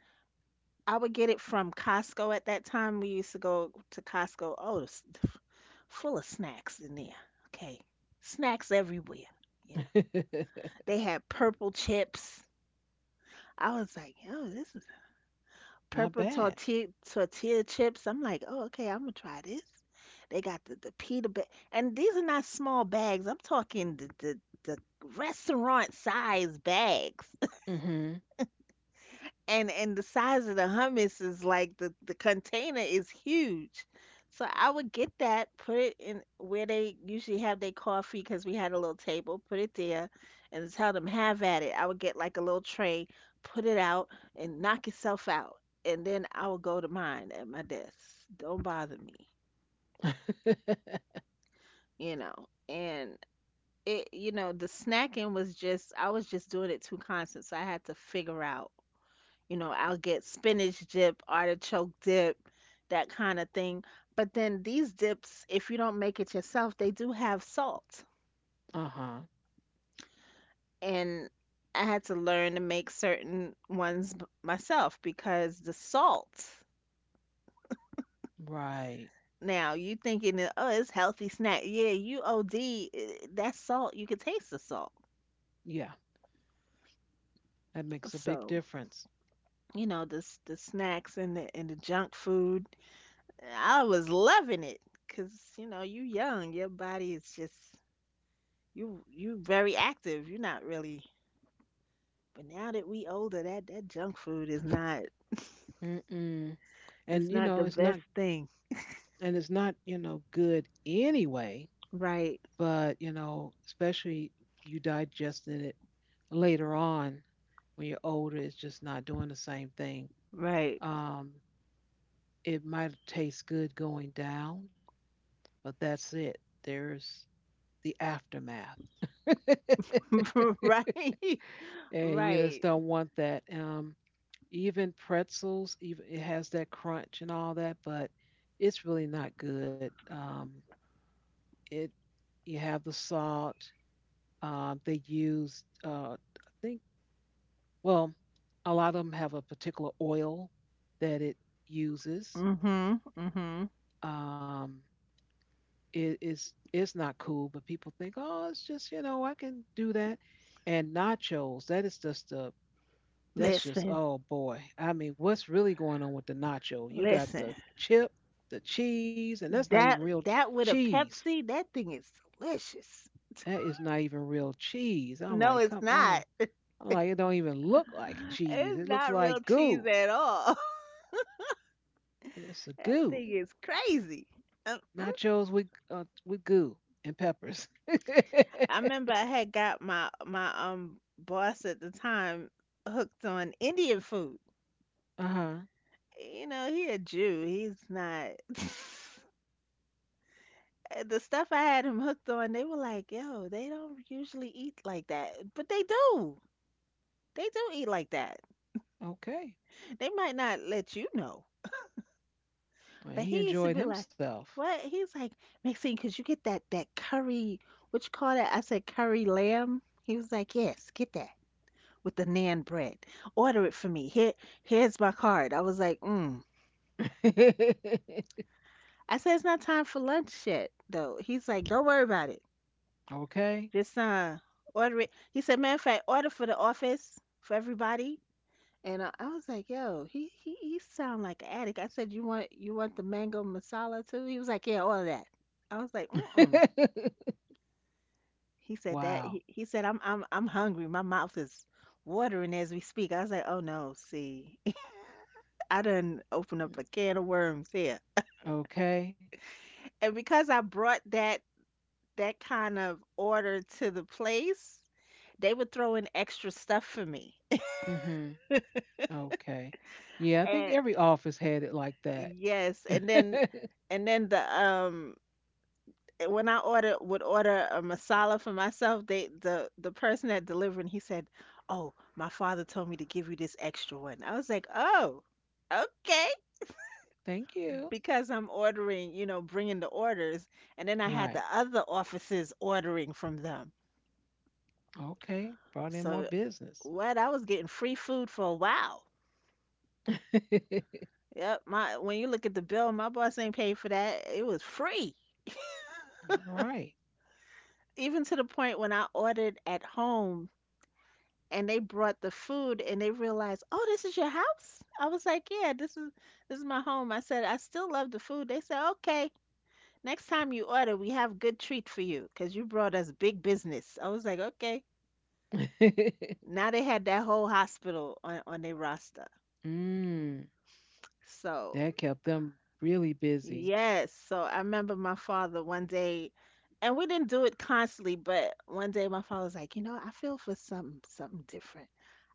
Speaker 2: I would get it from Costco at that time. We used to go to Costco. Oh, it's full of snacks in there. Okay. Snacks everywhere, you know. They had purple chips. I was like, "Yo, this is
Speaker 1: Not
Speaker 2: purple
Speaker 1: bad.
Speaker 2: tortilla tortilla chips." I'm like, "Oh, okay, I'm gonna try this." They got the, the pita bag, and these are not small bags. I'm talking the the, the restaurant size bags.
Speaker 1: Mm-hmm.
Speaker 2: and and the size of the hummus is like the the container is huge. So I would get that, put it in where they usually have their coffee because we had a little table, put it there, and tell them have at it. I would get like a little tray, put it out, and knock itself out, and then I would go to mine at my desk. Don't bother me, you know. And it, you know, the snacking was just I was just doing it too constant, so I had to figure out. You know, I'll get spinach dip, artichoke dip, that kind of thing. But then these dips, if you don't make it yourself, they do have salt.
Speaker 1: uh-huh.
Speaker 2: And I had to learn to make certain ones b- myself because the salt.
Speaker 1: Right.
Speaker 2: Now, you thinking, that, oh, it's healthy snack. Yeah, you O D, eh, that salt, you can taste the salt.
Speaker 1: Yeah. That makes a big
Speaker 2: So,
Speaker 1: difference.
Speaker 2: you know, the s- the snacks and the and the junk food, I was loving it because, you know, you young, your body is just You you very active. You're not really. But now that we older, that that junk food is not.
Speaker 1: Mm-mm.
Speaker 2: It's
Speaker 1: And you
Speaker 2: not the
Speaker 1: know, it's
Speaker 2: best
Speaker 1: not.
Speaker 2: thing.
Speaker 1: And it's not, you know, good anyway.
Speaker 2: Right.
Speaker 1: But, you know, especially you digesting it later on when you're older, it's just not doing the same thing.
Speaker 2: Right.
Speaker 1: Um, it might taste good going down, but that's it. There's the aftermath. And
Speaker 2: Right.
Speaker 1: you just
Speaker 2: Right.
Speaker 1: don't want that. Um, even pretzels, even it has that crunch and all that, but it's really not good. Um, it you have the salt. Um, they use, uh, I think Well, a lot of them have a particular oil that it uses.
Speaker 2: Mhm. Mhm.
Speaker 1: Um, it is it's not cool, but people think, oh, it's just you know I can do that. And nachos, that is just a that's just
Speaker 2: Listen.
Speaker 1: oh boy. I mean, what's really going on with the nacho? You got
Speaker 2: Listen.
Speaker 1: the chip, the cheese, and that's not even
Speaker 2: That
Speaker 1: real ch-
Speaker 2: that with a
Speaker 1: cheese.
Speaker 2: Pepsi, that thing is delicious.
Speaker 1: That is not even real cheese. I'm
Speaker 2: No,
Speaker 1: like,
Speaker 2: it's
Speaker 1: come on.
Speaker 2: not.
Speaker 1: I'm like, it don't even look like cheese.
Speaker 2: It's
Speaker 1: It looks
Speaker 2: not real
Speaker 1: like
Speaker 2: cheese
Speaker 1: goo.
Speaker 2: at all.
Speaker 1: It's a
Speaker 2: That
Speaker 1: goo.
Speaker 2: thing is crazy. Uh,
Speaker 1: Nachos with uh, with goo and peppers. uh
Speaker 2: I remember I had got my my um boss at the time hooked on Indian food.
Speaker 1: huh.
Speaker 2: You know, he a Jew. He's not. The stuff I had him hooked on, they were like, "Yo, they don't usually eat like that, but they do. They do eat like that.
Speaker 1: Okay.
Speaker 2: They might not let you know,
Speaker 1: Well,
Speaker 2: but
Speaker 1: he
Speaker 2: he used to
Speaker 1: enjoyed
Speaker 2: be like."
Speaker 1: himself.
Speaker 2: What? He's like, Maxine, could you get that that curry? What you call that? I said curry lamb. He was like, yes, get that. With the naan bread. Order it for me. Here, here's my card. I was like, mm. I said it's not time for lunch yet, though. He's like, don't worry about it.
Speaker 1: Okay.
Speaker 2: Just uh, order it. He said, matter of fact, order for the office for everybody. And uh, I was like, yo, he he he sound like an addict. I said, you want you want the mango masala too? He was like, yeah, all of that. I was like, mm-mm. He said that.
Speaker 1: Wow.
Speaker 2: He, he said, I'm I'm I'm hungry. My mouth is watering as we speak. I was like, oh no, see, I done opened up a can of worms here.
Speaker 1: Okay.
Speaker 2: And because I brought that that kind of order to the place, they would throw in extra stuff for me.
Speaker 1: Mhm. Okay. Yeah, I think
Speaker 2: And
Speaker 1: every office had it like that.
Speaker 2: yes, and then and then the um eh, when I order would order a masala for myself, they the the person that delivering he said, "Oh, my father told me to give you this extra one." I was like, "Oh, okay."
Speaker 1: Thank you.
Speaker 2: Because I'm ordering, you know, bringing the orders, and then I
Speaker 1: Right.
Speaker 2: had the other offices ordering from them.
Speaker 1: Okay. Brought in more
Speaker 2: So,
Speaker 1: business.
Speaker 2: what? I was getting free food for a while. Yep, my when you look at the bill, my boss ain't paid for that. It was free.
Speaker 1: right.
Speaker 2: Even to the point when I ordered at home and they brought the food and they realized, "Oh, this is your house?" I was like, "Yeah, this is this is my home." I said, "I still love the food." They said, "Okay, next time you order, we have good treat for you 'cause you brought us big business." I was like, "Okay." Now they had that whole hospital on on their roster.
Speaker 1: Mm,
Speaker 2: So,
Speaker 1: that kept them really busy.
Speaker 2: yes. So I remember my father one day, and we didn't do it constantly, but one day my father was like, you know, I feel for something something different.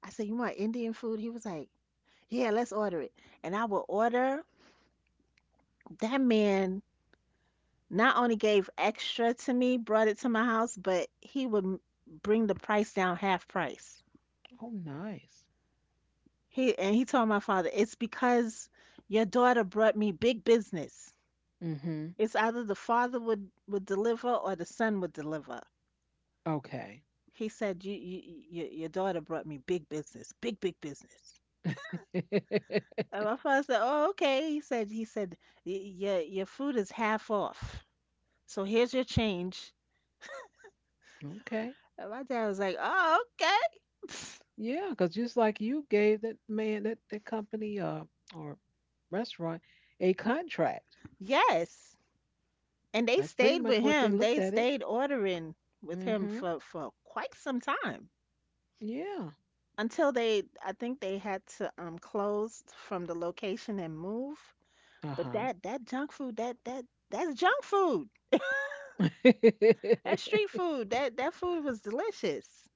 Speaker 2: I said, you want Indian food? He was like, yeah, let's order it. And I would order. That man not only gave extra to me, brought it to my house, but he would m- bring the price down half price.
Speaker 1: Oh, nice.
Speaker 2: He and he told my father, it's because your daughter brought me big business.
Speaker 1: Mhm.
Speaker 2: It's either the father would would deliver or the son would deliver.
Speaker 1: Okay.
Speaker 2: He said, you, you, you, your daughter brought me big business, big, big business. And my father said, oh, okay. He said, he said, "Y- your, your food is half off. So here's your change.
Speaker 1: Okay.
Speaker 2: And my dad was like, oh, okay.
Speaker 1: Yeah, because just like you gave that man that that company uh, or restaurant a contract.
Speaker 2: Yes. And
Speaker 1: That's
Speaker 2: they
Speaker 1: pretty
Speaker 2: stayed
Speaker 1: much
Speaker 2: with
Speaker 1: what they
Speaker 2: him.
Speaker 1: looked
Speaker 2: They
Speaker 1: at it.
Speaker 2: stayed ordering with him
Speaker 1: Mhm.
Speaker 2: for, for quite some time
Speaker 1: Yeah.
Speaker 2: until they, I think they had to um close from the location and move.
Speaker 1: Uh
Speaker 2: But
Speaker 1: huh.
Speaker 2: that, that junk food, that, that, that's junk food. That street food, that that food was delicious.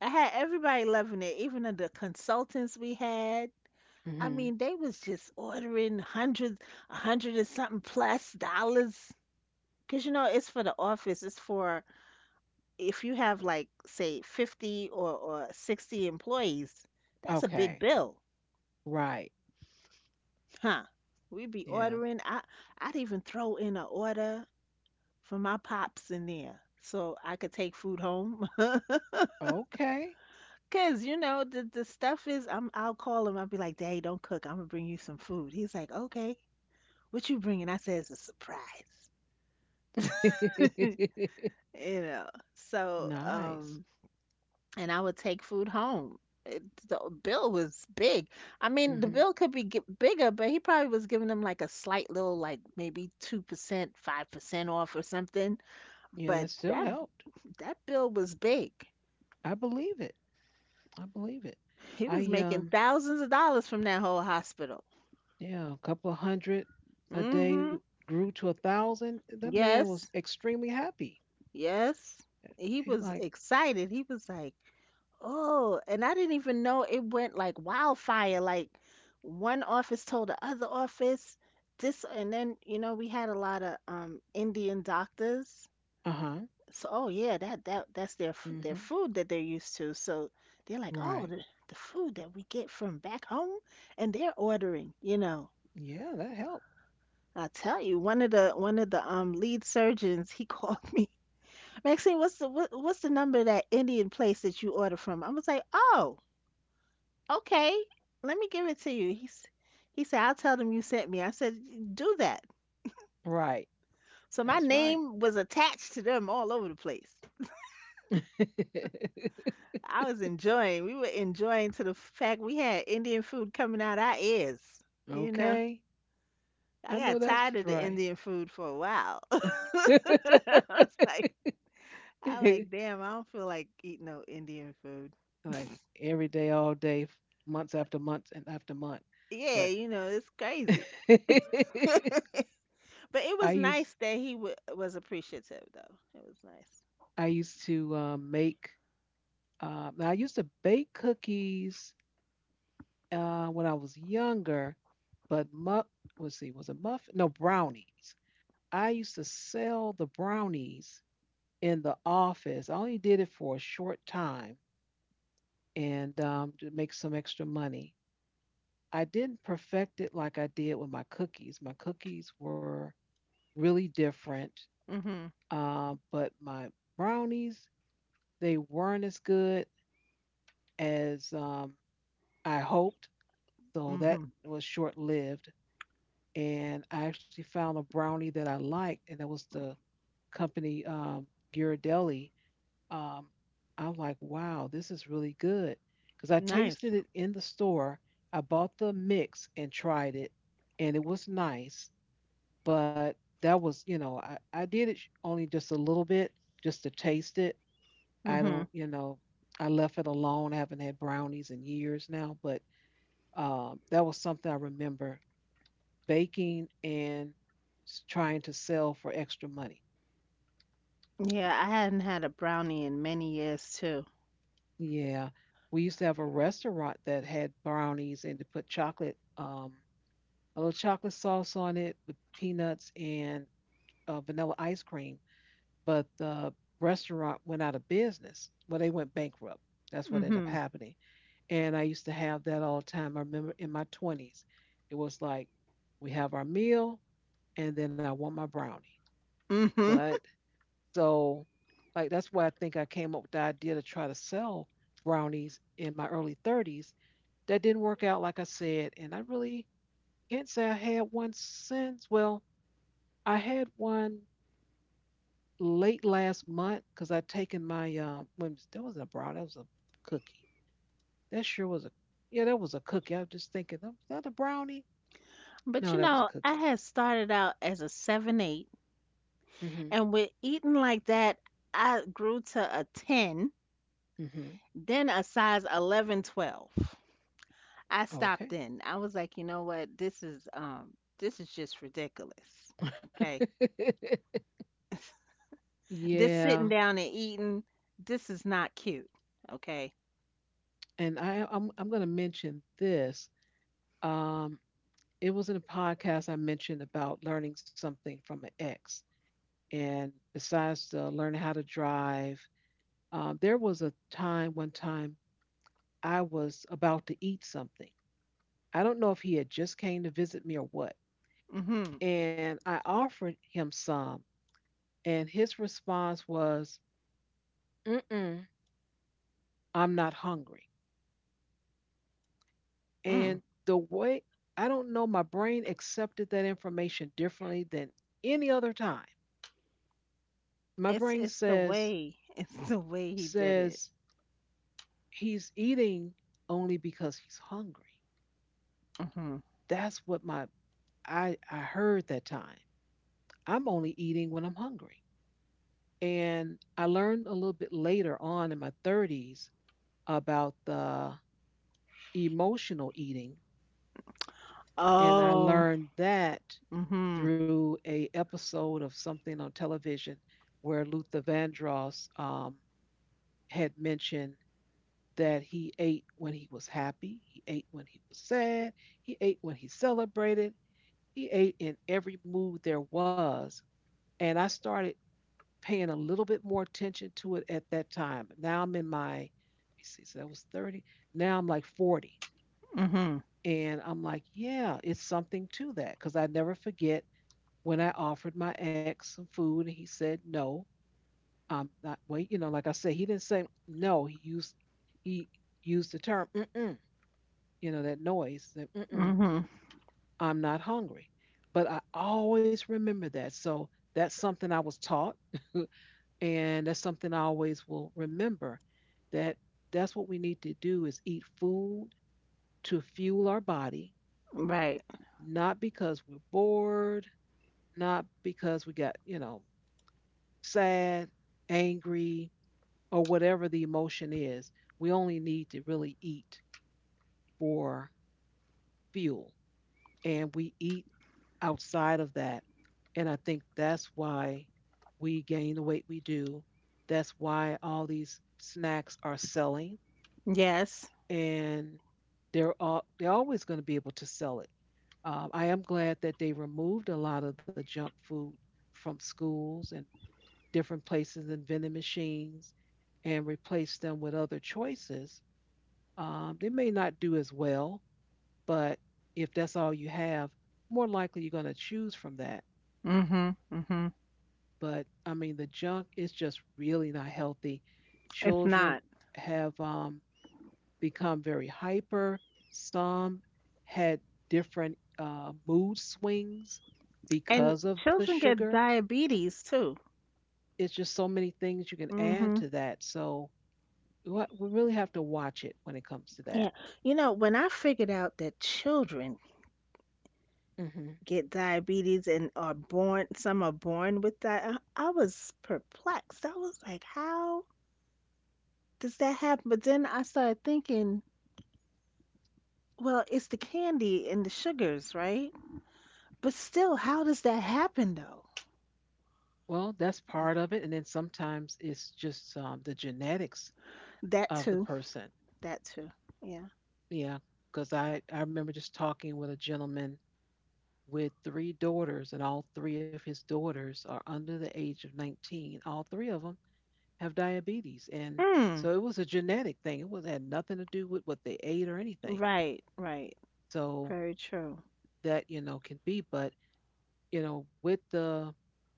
Speaker 2: I had everybody loving it, even the consultants we had. I mean,
Speaker 1: Mhm.
Speaker 2: they was just ordering hundreds, a hundred and something plus dollars. Cause you know, it's for the office. It's for if you have like say fifty or, or sixty employees, that's a big
Speaker 1: Okay.
Speaker 2: bill,
Speaker 1: Right.
Speaker 2: huh? We'd be
Speaker 1: Yeah.
Speaker 2: ordering. I I'd even throw in an order for my pops in there so I could take food home.
Speaker 1: Okay.
Speaker 2: Cause you know the the stuff is I'm I'll call him. I'll be like, "Daddy, don't cook. I'm gonna bring you some food." He's like, "Okay, what you bringing?" I said, "It's a surprise." You know. So
Speaker 1: Nice.
Speaker 2: um, and I would take food home. It, the bill was big. I mean, the
Speaker 1: Mhm.
Speaker 2: bill could be g bigger, but he probably was giving them like a slight little, like maybe two percent, five percent off or something.
Speaker 1: Yeah,
Speaker 2: But
Speaker 1: that still
Speaker 2: that
Speaker 1: helped.
Speaker 2: that bill was big.
Speaker 1: I believe it. I believe it.
Speaker 2: He was
Speaker 1: I
Speaker 2: making
Speaker 1: um
Speaker 2: thousands of dollars from that whole hospital.
Speaker 1: Yeah, a couple of hundred a day
Speaker 2: Mm-hmm.
Speaker 1: grew to a thousand. That man was
Speaker 2: Yes.
Speaker 1: extremely happy.
Speaker 2: Yes. He
Speaker 1: He
Speaker 2: was
Speaker 1: like,
Speaker 2: excited. He was like, oh, and I didn't even know it went like wildfire. Like one office told the other office this, and then you know we had a lot of um Indian doctors.
Speaker 1: uh huh,
Speaker 2: So oh yeah, that that that's their f-
Speaker 1: mm-hmm,
Speaker 2: their food that they're used to. So they're like, oh,
Speaker 1: right.
Speaker 2: the, the food that we get from back home, and they're ordering. You know,
Speaker 1: Yeah, that helped.
Speaker 2: I tell you, one of the one of the um lead surgeons, he called me Maxine, what's the what, what's the number of that Indian place that you order from? I was like, oh, okay, let me give it to you. He's he said, I'll tell them you sent me. I said, do that.
Speaker 1: Right,
Speaker 2: So
Speaker 1: that's
Speaker 2: my
Speaker 1: right.
Speaker 2: name was attached to them all over the place. I was enjoying. We were enjoying to the fact we had Indian food coming out our ears. You know,
Speaker 1: Okay,
Speaker 2: I
Speaker 1: I know
Speaker 2: got
Speaker 1: that's
Speaker 2: tired of the
Speaker 1: right.
Speaker 2: Indian food for a while. I was like, I like, damn, I don't feel like eating no Indian food.
Speaker 1: Like every day, all day, f- months after months and after month.
Speaker 2: Yeah,
Speaker 1: But
Speaker 2: you know, it's crazy. But it
Speaker 1: I
Speaker 2: was
Speaker 1: used
Speaker 2: nice that he w- was appreciative, though. It was nice.
Speaker 1: I used to uh, make. Um, Now I used to bake cookies uh, when I was younger, but mu- let's see, was it muffin? No, brownies. I used to sell the brownies in the office. I only did it for a short time and um, to make some extra money. I didn't perfect it like I did with my cookies. My cookies were really different,
Speaker 2: Mhm.
Speaker 1: um, but my brownies, they weren't as good as um, I hoped. So that
Speaker 2: Mhm.
Speaker 1: was short lived. And I actually found a brownie that I liked, and that was the company um, Ghirardelli. Um, I'm like, wow, this is really good because I
Speaker 2: Nice.
Speaker 1: tasted it in the store. I bought the mix and tried it, and it was nice, but that was, you know, I, I did it only just a little bit just to taste it. I
Speaker 2: Mhm.
Speaker 1: don't, you know, I left it alone. I haven't had brownies in years now, but um, that was something I remember baking and s- trying to sell for extra money.
Speaker 2: Yeah, I hadn't had a brownie in many years too.
Speaker 1: Yeah. We used to have a restaurant that had brownies and to put chocolate, um, a little chocolate sauce on it with peanuts and uh, vanilla ice cream. But the restaurant went out of business. Well, they went bankrupt. That's what ended up
Speaker 2: Mhm.
Speaker 1: happening. And I used to have that all the time. I remember in my twenties, it was like, we have our meal, and then I want my brownie.
Speaker 2: Mhm.
Speaker 1: But so, like, that's why I think I came up with the idea to try to sell brownies in my early thirties. That didn't work out, like I said. And I really can't say I had one since. Well, I had one late last month because I'd taken my, um, when, that wasn't a brownie, that was a cookie. That sure was a, yeah, that was a cookie. I was just thinking, "Oh, is that a brownie?
Speaker 2: But
Speaker 1: No,
Speaker 2: you
Speaker 1: that was a
Speaker 2: know, I
Speaker 1: cookie.
Speaker 2: had started out as a seven eight
Speaker 1: Hmm.
Speaker 2: and with eating like that, I grew to a ten,
Speaker 1: Hmm.
Speaker 2: then a size eleven, twelve. I stopped
Speaker 1: Okay.
Speaker 2: then. I was like, "You know what? This is um this is just ridiculous." Okay. This sitting
Speaker 1: Yeah,
Speaker 2: down and eating, this is not cute. Okay.
Speaker 1: and I I'm I'm gonna mention this. Um, it was in a podcast I mentioned about learning something from an ex. And besides uh, learning how to drive, um, there was a time, one time, I was about to eat something. I don't know if he had just came to visit me or what.
Speaker 2: Mhm.
Speaker 1: And I offered him some. And his response was, mm-mm, I'm not hungry.
Speaker 2: Mm.
Speaker 1: And the way, I don't know, my brain accepted that information differently than any other time. My
Speaker 2: It's
Speaker 1: brain
Speaker 2: it's the
Speaker 1: says,
Speaker 2: way. It's the way he did it.
Speaker 1: says he's eating only because he's hungry.
Speaker 2: Mhm.
Speaker 1: That's what my I I heard that time. I'm only eating when I'm hungry. And I learned a little bit later on in my thirties about the emotional eating, and I
Speaker 2: Oh.
Speaker 1: learned that
Speaker 2: Mhm.
Speaker 1: through a episode of something on television where Luther Vandross um, had mentioned that he ate when he was happy, he ate when he was sad, he ate when he celebrated, he ate in every mood there was. And I started paying a little bit more attention to it at that time. Now I'm in my, let me see, so that was thirty. Now I'm like forty.
Speaker 2: Mhm.
Speaker 1: And I'm like, yeah, it's something to that. Because I never forget when I offered my ex some food and he said no. I'm not wait, you know, like I said, he didn't say no. He used he used the term mm-mm, you know, that noise that mm-mm.
Speaker 2: Mhm.
Speaker 1: I'm not hungry. But I always remember that. So that's something I was taught, and that's something I always will remember that that's what we need to do is eat food to fuel our body,
Speaker 2: Right.
Speaker 1: not because we're bored, not because we got, you know, sad, angry, or whatever the emotion is. We only need to really eat for fuel. And we eat outside of that. And I think that's why we gain the weight we do. That's why all these snacks are selling,
Speaker 2: Yes.
Speaker 1: and they're all, they're always going to be able to sell it. Um, I am glad that they removed a lot of the junk food from schools and different places and vending machines, and replaced them with other choices. Um, they may not do as well, but if that's all you have, more likely you're going to choose from that.
Speaker 2: Mhm. Mhm.
Speaker 1: But I mean the junk is just really not healthy.
Speaker 2: It's
Speaker 1: Children
Speaker 2: not.
Speaker 1: have um, become very hyper. Some had different uh, mood swings
Speaker 2: And
Speaker 1: because of the
Speaker 2: children get
Speaker 1: sugar.
Speaker 2: diabetes too.
Speaker 1: It's just so many things you can add
Speaker 2: Mhm.
Speaker 1: to that. So we we really have to watch it when it comes to that.
Speaker 2: Yeah. You know, when I figured out that children
Speaker 1: Hmm.
Speaker 2: get diabetes and are born, some are born with that, I I was perplexed. I was like, how does that happen? But then I started thinking, well, it's the candy and the sugars, right? But still, how does that happen though?
Speaker 1: Well, that's part of it, and then sometimes it's just um, the genetics
Speaker 2: That
Speaker 1: of
Speaker 2: too.
Speaker 1: the person.
Speaker 2: That too. Yeah.
Speaker 1: Yeah, because I I remember just talking with a gentleman with three daughters, and all three of his daughters are under the age of nineteen. All three of them have diabetes. And
Speaker 2: Mm.
Speaker 1: so it was a genetic thing. It was had nothing to do with what they ate or anything.
Speaker 2: Right, right.
Speaker 1: So
Speaker 2: Very true.
Speaker 1: that, you know, can be, but you know, with the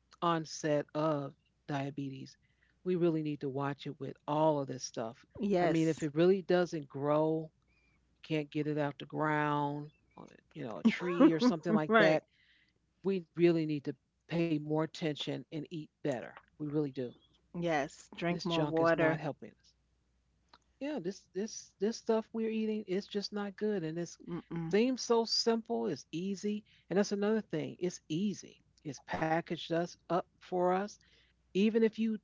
Speaker 1: onset of diabetes, we really need to watch it with all of this stuff. I mean,
Speaker 2: Yes.
Speaker 1: if it really doesn't grow, can't get it out the ground, you know, a tree or something like
Speaker 2: Right.
Speaker 1: that, we really need to pay more attention and eat better. We really do.
Speaker 2: Yes. Drink
Speaker 1: This
Speaker 2: more
Speaker 1: junk is not
Speaker 2: water.
Speaker 1: helping us. Yeah, this this this stuff we're eating is just not good, and it
Speaker 2: Mm-mm.
Speaker 1: seems so simple. It's easy, and that's another thing. It's easy. It's packaged us up for us. Even if you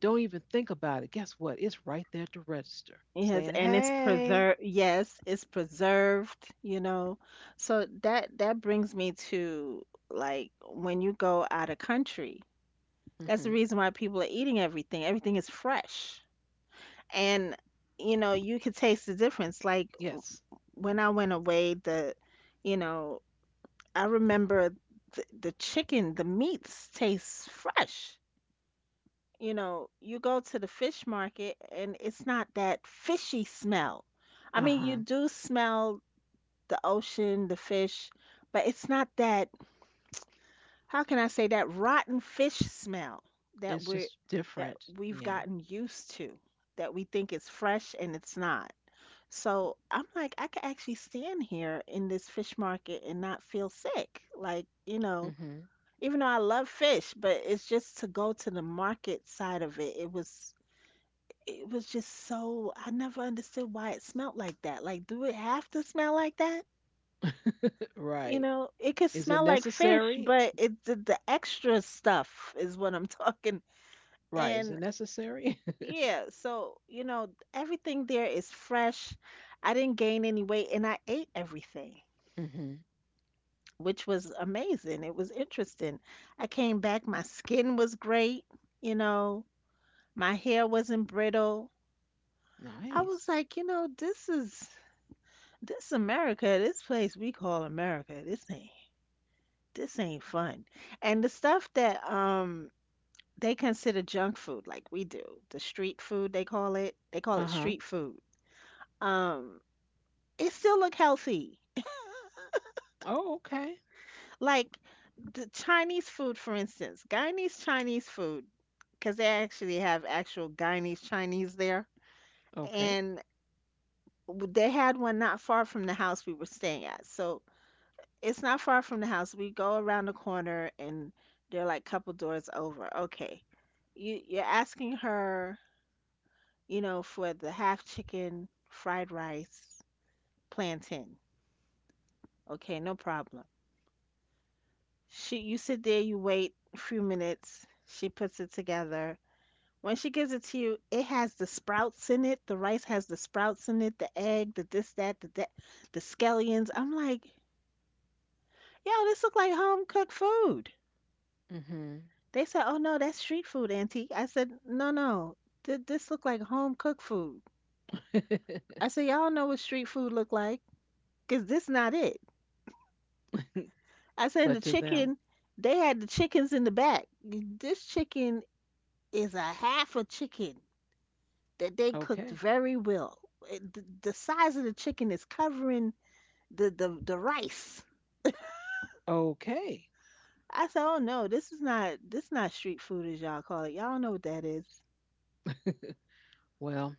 Speaker 1: don't even think about it, guess what? It's right there at the register,
Speaker 2: Yes,
Speaker 1: saying,
Speaker 2: and it's
Speaker 1: "Hey."
Speaker 2: preserved. Yes, it's preserved, you know. So that that brings me to like when you go out of country. That's
Speaker 1: Hmm.
Speaker 2: the reason why people are eating everything. Everything is fresh. And you know, you could taste the difference. Like
Speaker 1: Yes.
Speaker 2: when I went away, the you know, I remember the, the chicken, the meats taste fresh. You know, you go to the fish market and it's not that fishy smell. I
Speaker 1: Uh
Speaker 2: mean,
Speaker 1: huh.
Speaker 2: you do smell the ocean, the fish, but it's not that how can I say that rotten fish smell
Speaker 1: It's
Speaker 2: that
Speaker 1: just
Speaker 2: we're that
Speaker 1: different.
Speaker 2: we've
Speaker 1: Yeah.
Speaker 2: gotten used to that we think is fresh and it's not. So I'm like, I could actually stand here in this fish market and not feel sick. Like, you know,
Speaker 1: Hmm.
Speaker 2: even though I love fish, but it's just to go to the market side of it. It was it was just so I never understood why it smelled like that. Like, do it have to smell like that? You
Speaker 1: Right.
Speaker 2: know, it could
Speaker 1: Is it
Speaker 2: smell like fish,
Speaker 1: necessary?
Speaker 2: but it the, the extra stuff is what I'm talking.
Speaker 1: Right. Is it
Speaker 2: And
Speaker 1: necessary?
Speaker 2: yeah, so you know, everything there is fresh. I didn't gain any weight, and I ate everything,
Speaker 1: Mm-hmm.
Speaker 2: which was amazing. It was interesting. I came back, my skin was great. You know, my hair wasn't brittle. I
Speaker 1: Nice.
Speaker 2: was like, you know, this is this America. This place we call America. This ain't this ain't fun. And the stuff that um they consider junk food like we do. The street food they call it. They call
Speaker 1: Uh
Speaker 2: it
Speaker 1: huh.
Speaker 2: street food. Um, it still look healthy.
Speaker 1: Oh, okay.
Speaker 2: Like the Chinese food, for instance, Guyanese Chinese food, because they actually have actual Guyanese Chinese there,
Speaker 1: Okay.
Speaker 2: and w- they had one not far from the house we were staying at. So it's not far from the house. We go around the corner, and they're like couple doors over. Okay, you you're asking her you know, for the half chicken fried rice plantain. Okay, no problem. She, you sit there, you wait a few minutes. She puts it together. When she gives it to you, it has the sprouts in it. The rice has the sprouts in it, the egg, the this, that, the that, the scallions. I'm like, yo, this look like home cooked food. They said, oh no, that's street food, auntie. I said, no, no, th- this look like home cooked food.
Speaker 1: Mm-hmm.
Speaker 2: I said, y'all know what street food look like, 'cause this not it. I said the
Speaker 1: But to them,
Speaker 2: chicken, they had the chickens in the back. This chicken is a half a chicken that they cooked
Speaker 1: okay.
Speaker 2: very well. It- the, the size of the chicken is covering the, the, the rice.
Speaker 1: Okay.
Speaker 2: I said, oh no, this is not this is not street food as y'all call it. Y'all know what that is.
Speaker 1: Well,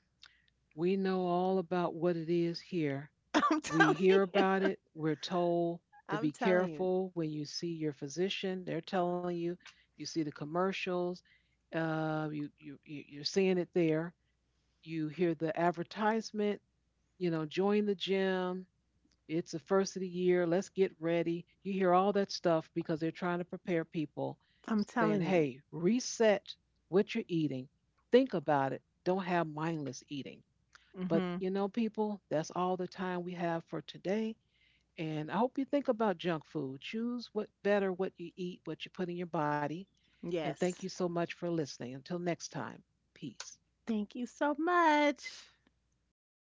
Speaker 1: we know all about what it is here.
Speaker 2: I'm
Speaker 1: We
Speaker 2: telling
Speaker 1: hear about it. We're told to
Speaker 2: I'm
Speaker 1: be
Speaker 2: telling you.
Speaker 1: careful when you see your physician. They're telling you, you see the commercials, uh, you, you, you- you're seeing it there. You hear the advertisement, you know, join the gym. It's the first of the year. Let's get ready. You hear all that stuff because they're trying to prepare people,
Speaker 2: I'm
Speaker 1: saying,
Speaker 2: telling you.
Speaker 1: hey, reset what you're eating. Think about it. Don't have mindless eating. But
Speaker 2: Mhm.
Speaker 1: you know, people, that's all the time we have for today. And I hope you think about junk food. Choose what better what you eat, what you put in your body. And thank you
Speaker 2: Yes.
Speaker 1: so much for listening. Until next time, peace.
Speaker 2: Thank you so much.